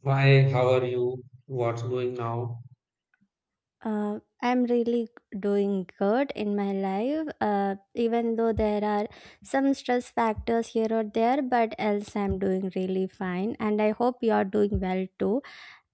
Why, how are you? What's going now? I'm really doing good in my life, even though there are some stress factors here or there, but else I'm doing really fine. And I hope you're doing well too.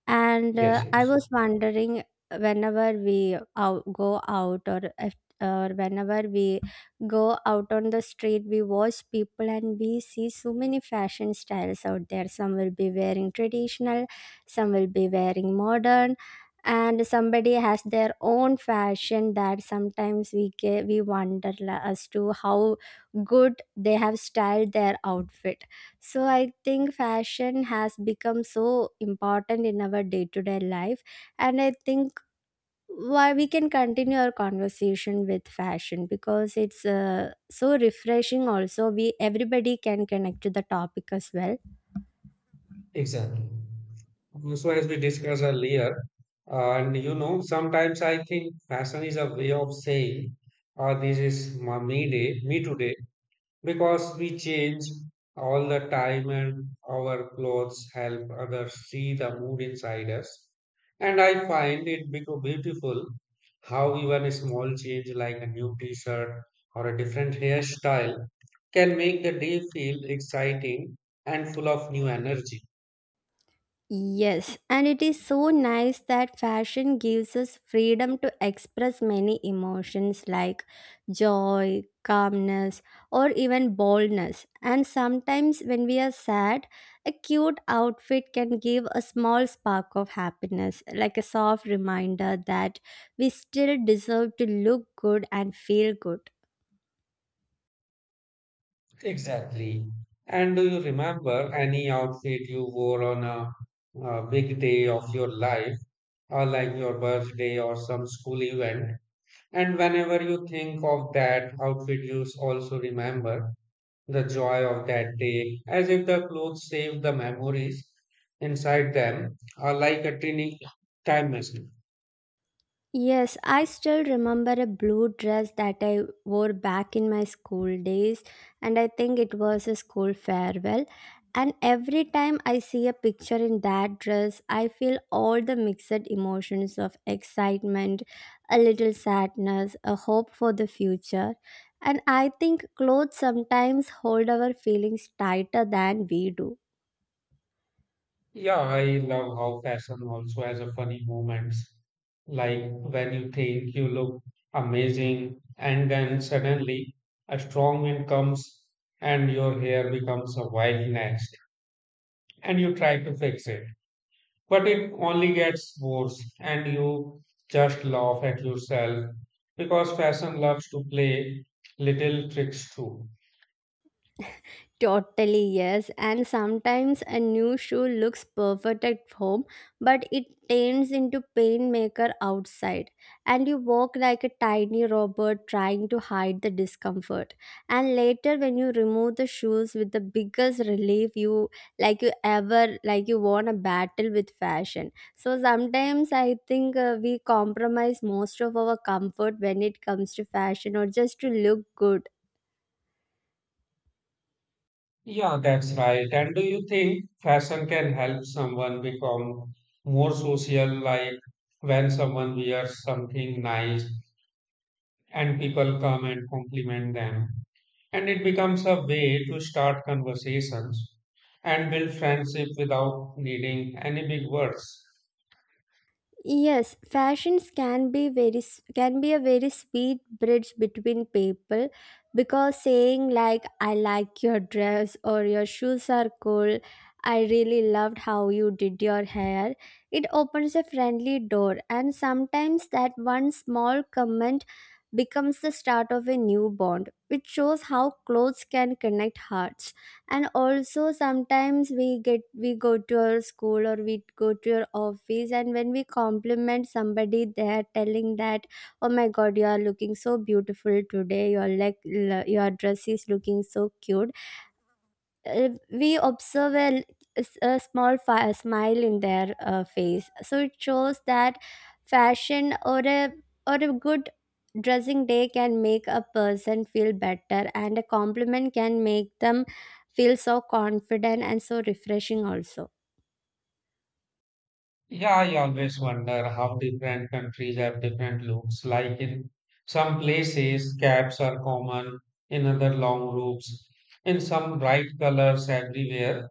And Yes, I yes, was wondering whenever we out, go out or if, or whenever we go out on the street, we watch people and we see so many fashion styles out there. Some will be wearing traditional, some will be wearing modern and somebody has their own fashion that sometimes we wonder as to how good they have styled their outfit, so I think fashion has become so important in our day to day life. And I think why we can continue our conversation with fashion, because it's so refreshing. Also, we everybody can connect to the topic as well. exactly. So, as we discussed earlier, sometimes I think fashion is a way of saying, this is my me day, me today, because we change all the time and our clothes help others see the mood inside us. And I find it become beautiful how even a small change like a new t-shirt or a different hairstyle can make the day feel exciting and full of new energy. Yes, and it is so nice that fashion gives us freedom to express many emotions like joy, calmness, or even boldness. And sometimes, when we are sad, a cute outfit can give a small spark of happiness, like a soft reminder that we still deserve to look good and feel good. Exactly. Exactly. And do you remember any outfit you wore on a big day of your life, or like your birthday or some school event, and whenever you think of that outfit, you also remember the joy of that day, as if the clothes save the memories inside them, are like a tiny time machine. Yes, I still remember a blue dress that I wore back in my school days, and I think it was a school farewell. And every time I see a picture in that dress, I feel all the mixed emotions of excitement, a little sadness, a hope for the future. And I think clothes sometimes hold our feelings tighter than we do. Yeah, I love how fashion also has a funny moments, like when you think you look amazing, and then suddenly a strong wind comes and your hair becomes a wild mess, and you try to fix it, but it only gets worse, and you just laugh at yourself because fashion loves to play little tricks too. Totally, yes. And sometimes a new shoe looks perfect at home, but it turns into pain maker outside. And you walk like a tiny robot trying to hide the discomfort. And later when you remove the shoes with the biggest relief, you like you ever like you won a battle with fashion. So sometimes I think we compromise most of our comfort when it comes to fashion or just to look good. Yeah, that's right. And do you think fashion can help someone become more social, like when someone wears something nice and people come and compliment them? And it becomes a way to start conversations and build friendship without needing any big words. Yes, fashions can can be a very sweet bridge between people, because saying like I like your dress or your shoes are cool, I really loved how you did your hair, it opens a friendly door, and sometimes that one small comment becomes the start of a new bond, which shows how clothes can connect hearts. And also, sometimes we go to our school or we go to your office and when we compliment somebody, they are telling that oh my god, you are looking so beautiful today, your leg, your dress is looking so cute. We observe a small smile in their face, so it shows that fashion or a good dressing day can make a person feel better, and a compliment can make them feel so confident and so refreshing also. Yeah, I always wonder how different countries have different looks. Like in some places, caps are common, in other, long robes, in some, bright colors everywhere,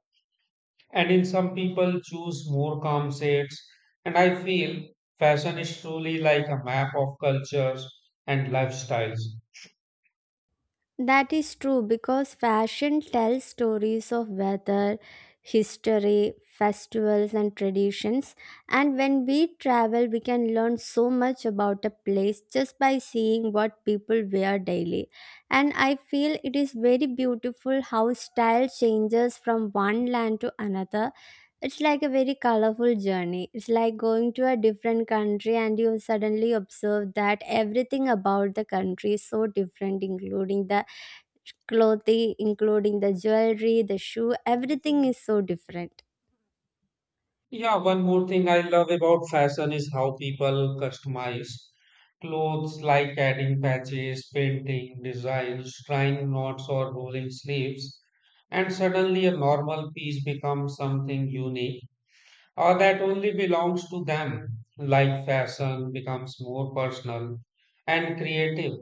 and in some, people choose more calm shades. And I feel fashion is truly like a map of cultures and lifestyles. That is true, because fashion tells stories of weather, history, festivals, and traditions. And when we travel, we can learn so much about a place just by seeing what people wear daily. And I feel it is very beautiful how style changes from one land to another. It's like a very colorful journey. It's like going to a different country and you suddenly observe that everything about the country is so different, including the clothing, including the jewelry, the shoe, everything is so different. Yeah, one more thing I love about fashion is how people customize clothes like adding patches, painting, designs, trying knots or rolling sleeves, and suddenly a normal piece becomes something unique or that only belongs to them. Like fashion becomes more personal and creative.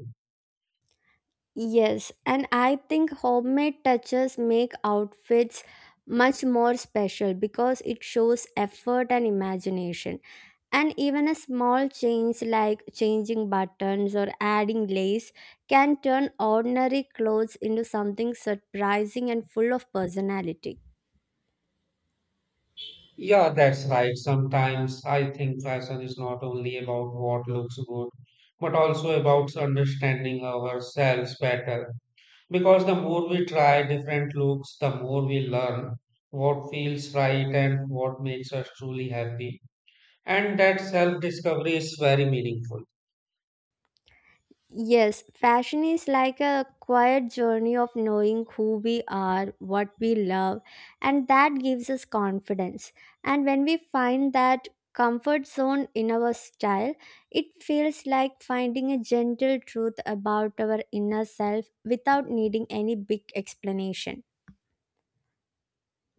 Yes, and I think homemade touches make outfits much more special because it shows effort and imagination. And even a small change like changing buttons or adding lace can turn ordinary clothes into something surprising and full of personality. Yeah, that's right. Sometimes I think fashion is not only about what looks good, but also about understanding ourselves better. Because the more we try different looks, the more we learn what feels right and what makes us truly happy. And that self discovery is very meaningful. Yes, fashion is like a quiet journey of knowing who we are, what we love, and that gives us confidence. And when we find that comfort zone in our style, it feels like finding a gentle truth about our inner self without needing any big explanation.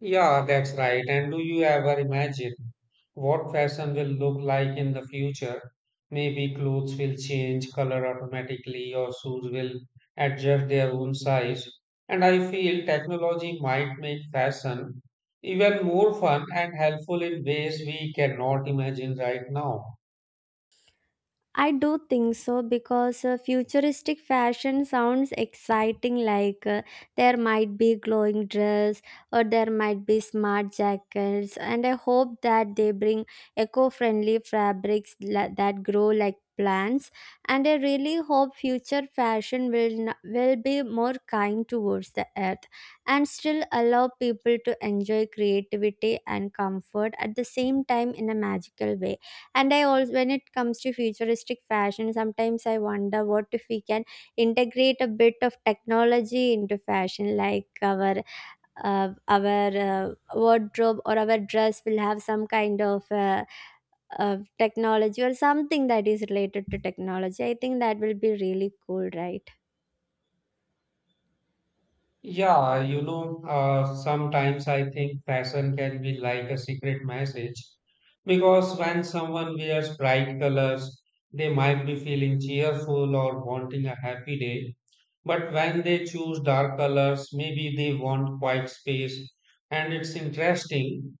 Yeah, that's right. And do you ever imagine what fashion will look like in the future? Maybe clothes will change color automatically or shoes will adjust their own size. And I feel technology might make fashion even more fun and helpful in ways we cannot imagine right now. I do think so, because futuristic fashion sounds exciting. Like, there might be glowing dress or there might be smart jackets, and I hope that they bring eco-friendly fabrics that grow like plants. And I really hope future fashion will be more kind towards the earth and still allow people to enjoy creativity and comfort at the same time in a magical way. And I also, when it comes to futuristic fashion, sometimes I wonder what if we can integrate a bit of technology into fashion, like our wardrobe or our dress will have some kind of technology or something that is related to technology. I think that will be really cool, right? Yeah, sometimes I think fashion can be like a secret message because when someone wears bright colors, they might be feeling cheerful or wanting a happy day. But when they choose dark colors, maybe they want quiet space. And it's interesting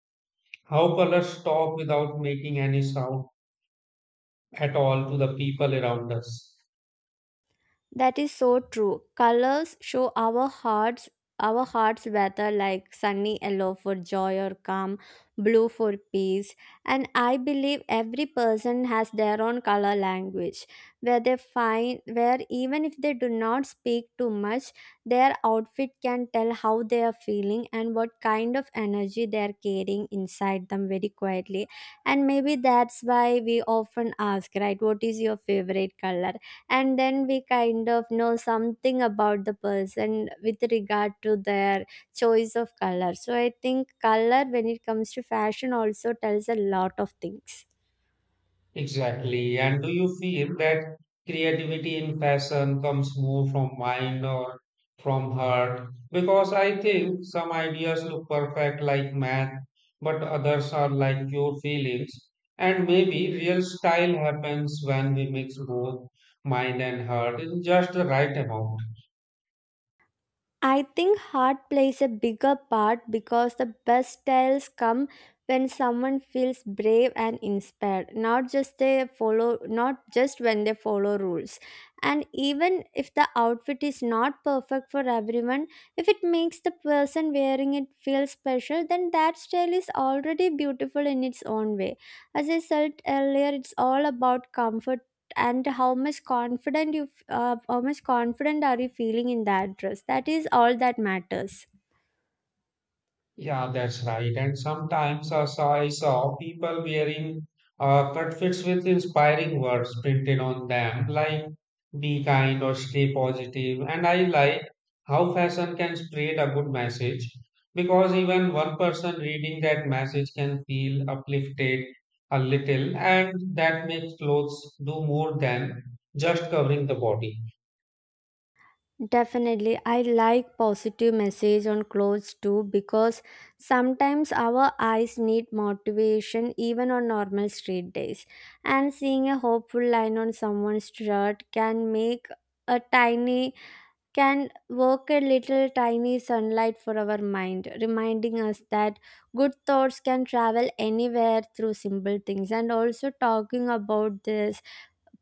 how colors talk without making any sound at all to the people around us. That is so true. Colors show our hearts better, like sunny yellow for joy or calm, blue for peace. And I believe every person has their own color language where even if they do not speak too much, their outfit can tell how they are feeling and what kind of energy they are carrying inside them very quietly. And maybe that's why we often ask, right, what is your favorite color? And then we kind of know something about the person with regard to their choice of color. So I think color, when it comes to fashion, also tells a lot of things. Exactly. And do you feel that creativity in fashion comes more from mind or from heart? Because I think some ideas look perfect like math, but others are like pure feelings. And maybe real style happens when we mix both mind and heart in just the right amount. I think heart plays a bigger part, because the best styles come when someone feels brave and inspired, not just when they follow rules. And even if the outfit is not perfect for everyone, if it makes the person wearing it feel special, then that style is already beautiful in its own way. As I said earlier, it's all about comfort and how much confident are you feeling in that dress. That is all that matters. Yeah, that's right. And sometimes I saw people wearing uh, outfits with inspiring words printed on them, like be kind or stay positive. And I like how fashion can spread a good message because even one person reading that message can feel uplifted a little, and that makes clothes do more than just covering the body. Definitely. I like positive message on clothes too, because sometimes our eyes need motivation even on normal street days. And seeing a hopeful line on someone's shirt can make a tiny can work a little tiny sunlight for our mind, reminding us that good thoughts can travel anywhere through simple things. And also, talking about this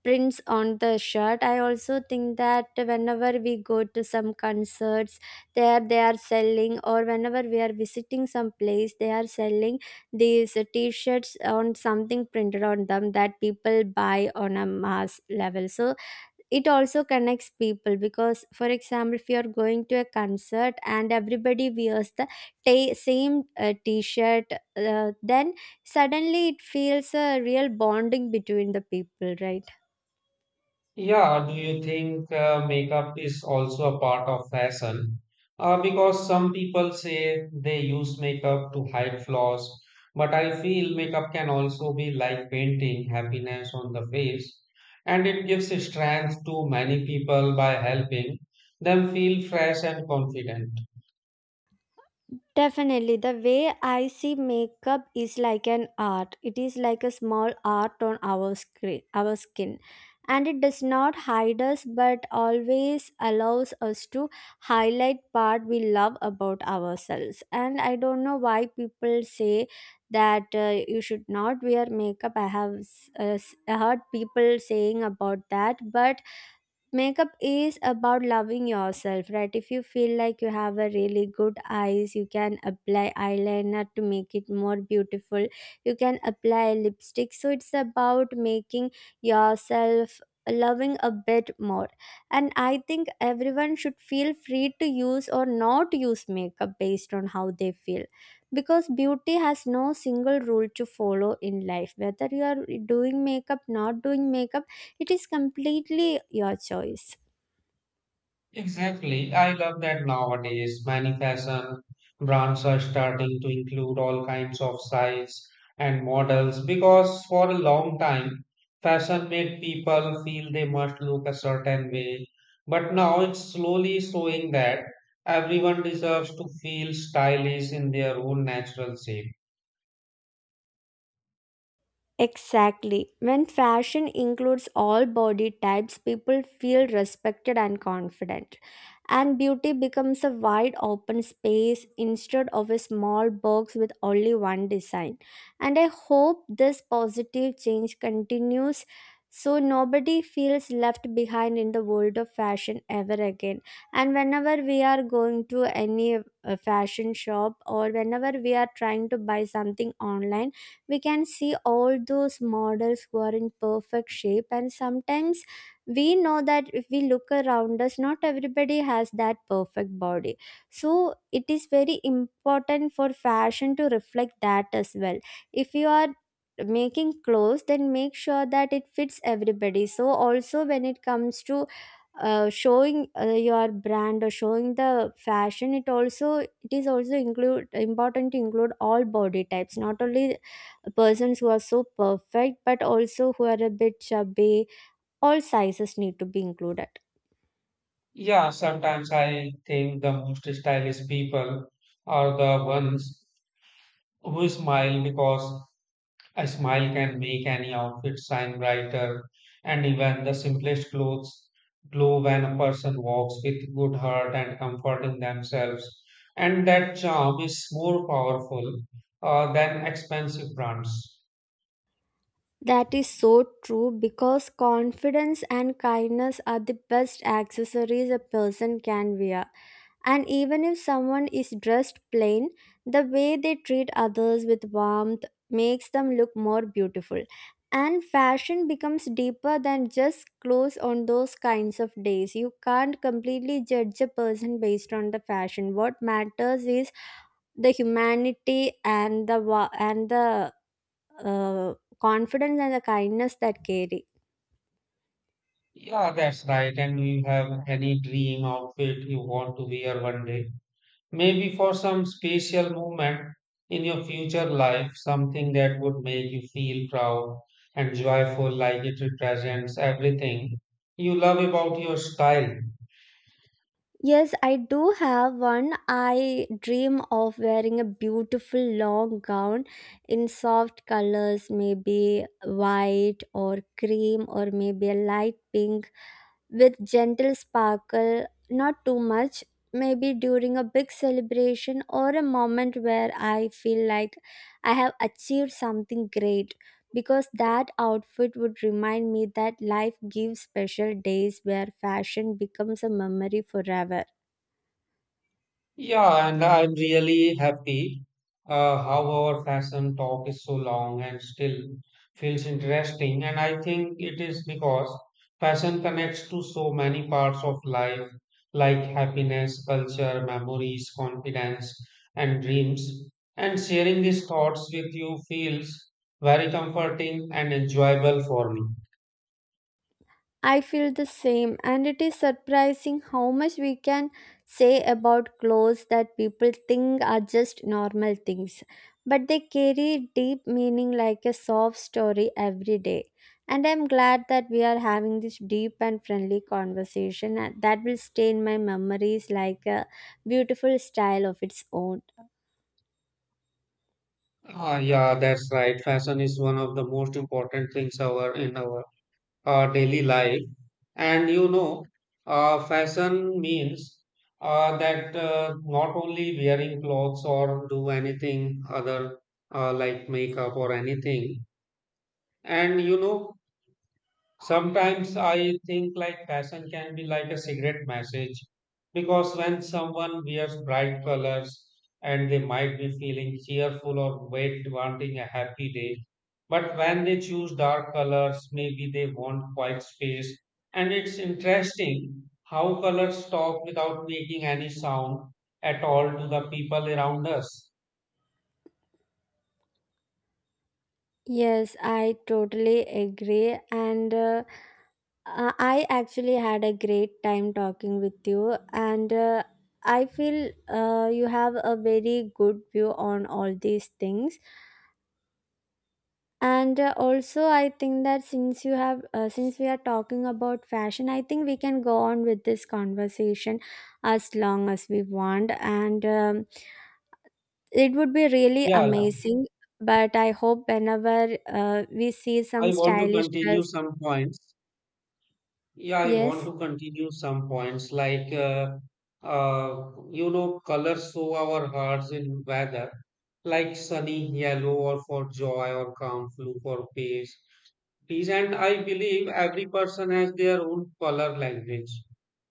prints on the shirt, I also think that whenever we go to some concerts, there they are selling, or whenever we are visiting some place, they are selling these t shirts on something printed on them that people buy on a mass level. So, it also connects people, because for example if you are going to a concert and everybody wears the same t-shirt, then suddenly it feels a real bonding between the people, right? Yeah, do you think makeup is also a part of fashion? Because some people say they use makeup to hide flaws, but I feel makeup can also be like painting happiness on the face, and it gives strength to many people by helping them feel fresh and confident. Definitely, the way I see makeup is like an art. It is like a small art on our screen, our skin, and it does not hide us, but always allows us to highlight part we love about ourselves. And I don't know why people say that you should not wear makeup. I have heard people saying about that, but makeup is about loving yourself, right? If you feel like you have a really good eyes, you can apply eyeliner to make it more beautiful. You can apply lipstick. So it's about making yourself loving a bit more. And I think everyone should feel free to use or not use makeup based on how they feel. Because beauty has no single rule to follow in life. Whether you are doing makeup, not doing makeup, it is completely your choice. Exactly. I love that nowadays many fashion brands are starting to include all kinds of sizes and models because for a long time fashion made people feel they must look a certain way. But now it's slowly showing that everyone deserves to feel stylish in their own natural shape. Exactly. When fashion includes all body types, people feel respected and confident. And beauty becomes a wide open space instead of a small box with only one design. And I hope this positive change continues so nobody feels left behind in the world of fashion ever again. And whenever we are going to any fashion shop, or whenever we are trying to buy something online, we can see all those models who are in perfect shape, and sometimes we know that if we look around us, not everybody has that perfect body. So it is very important for fashion to reflect that as well. If you are making clothes, then make sure that it fits everybody. So also, when it comes to showing your brand or showing the fashion, it is also include important to include all body types, not only persons who are so perfect but also who are a bit chubby. All sizes need to be included. Yeah, sometimes I think the most stylish people are the ones who smile because a smile can make any outfit shine brighter, and even the simplest clothes glow when a person walks with good heart and comfort in themselves. And that charm is more powerful than expensive brands. That is so true, because confidence and kindness are the best accessories a person can wear. And even if someone is dressed plain, the way they treat others with warmth makes them look more beautiful. And fashion becomes deeper than just clothes on those kinds of days. You can't completely judge a person based on the fashion. What matters is the humanity and the uh, confidence and the kindness that carry. Yeah, that's right. And you have any dream outfit you want to wear one day? Maybe for some special moment in your future life, something that would make you feel proud and joyful, like it represents everything you love about your style. Yes, I do have one. I dream of wearing a beautiful long gown in soft colors, maybe white or cream or maybe a light pink, with gentle sparkle, not too much. Maybe during a big celebration or a moment where I feel like I have achieved something great, because that outfit would remind me that life gives special days where fashion becomes a memory forever. Yeah, and I'm really happy how our fashion talk is so long and still feels interesting. And I think it is because fashion connects to so many parts of life, like happiness, culture, memories, confidence, and dreams. And sharing these thoughts with you feels very comforting and enjoyable for me. I feel the same, and it is surprising how much we can say about clothes that people think are just normal things, but they carry deep meaning like a soft story every day. And I'm glad that we are having this deep and friendly conversation and that will stay in my memories like a beautiful style of its own. Ah, yeah, that's right. Fashion is one of the most important things our in our daily life. And you know, fashion means that not only wearing clothes or do anything other like makeup or anything. And you know, sometimes I think like fashion can be like a cigarette message because when someone wears bright colors and they might be feeling cheerful or wait wanting a happy day, but when they choose dark colors, maybe they want quiet space. And it's interesting how colors talk without making any sound at all to the people around us. Yes, I totally agree. And I actually had a great time talking with you. And I feel you have a very good view on all these things. And also, I think that since we are talking about fashion, I think we can go on with this conversation as long as we want. And it would be really Yeah, yeah. amazing, but I hope whenever we see I some want to stylish continue dress, some points. Yeah, I yes, want to continue some points like, you know, colors show our hearts in weather, like sunny yellow or for joy or calm blue for peace. Peace, and I believe every person has their own color language,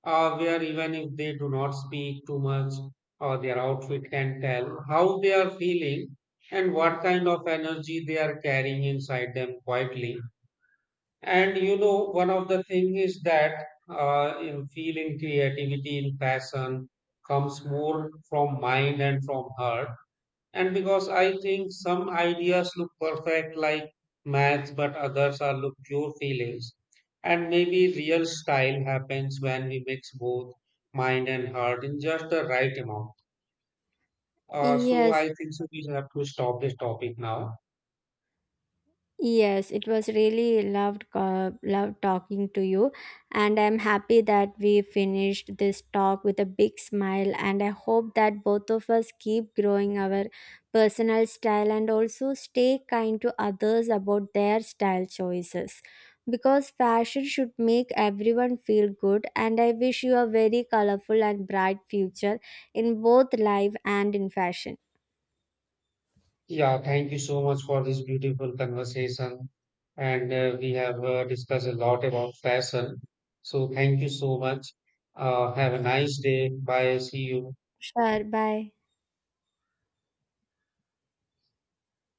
where even if they do not speak too much, or their outfit can tell how they are feeling and what kind of energy they are carrying inside them quietly. And you know, one of the thing is that in feeling creativity in passion comes more from mind and from heart. And because I think some ideas look perfect like maths, but others are look pure feelings. And maybe real style happens when we mix both mind and heart in just the right amount. So yes, I think so we have to stop this topic now. yes. It was really loved talking to you, and I'm happy that we finished this talk with a big smile, and I hope that both of us keep growing our personal style and also stay kind to others about their style choices, because fashion should make everyone feel good. And I wish you a very colorful and bright future in both life and in fashion. Yeah, thank you so much for this beautiful conversation. And we have discussed a lot about fashion. So, thank you so much. Have a nice day. Bye. See you. Sure, bye.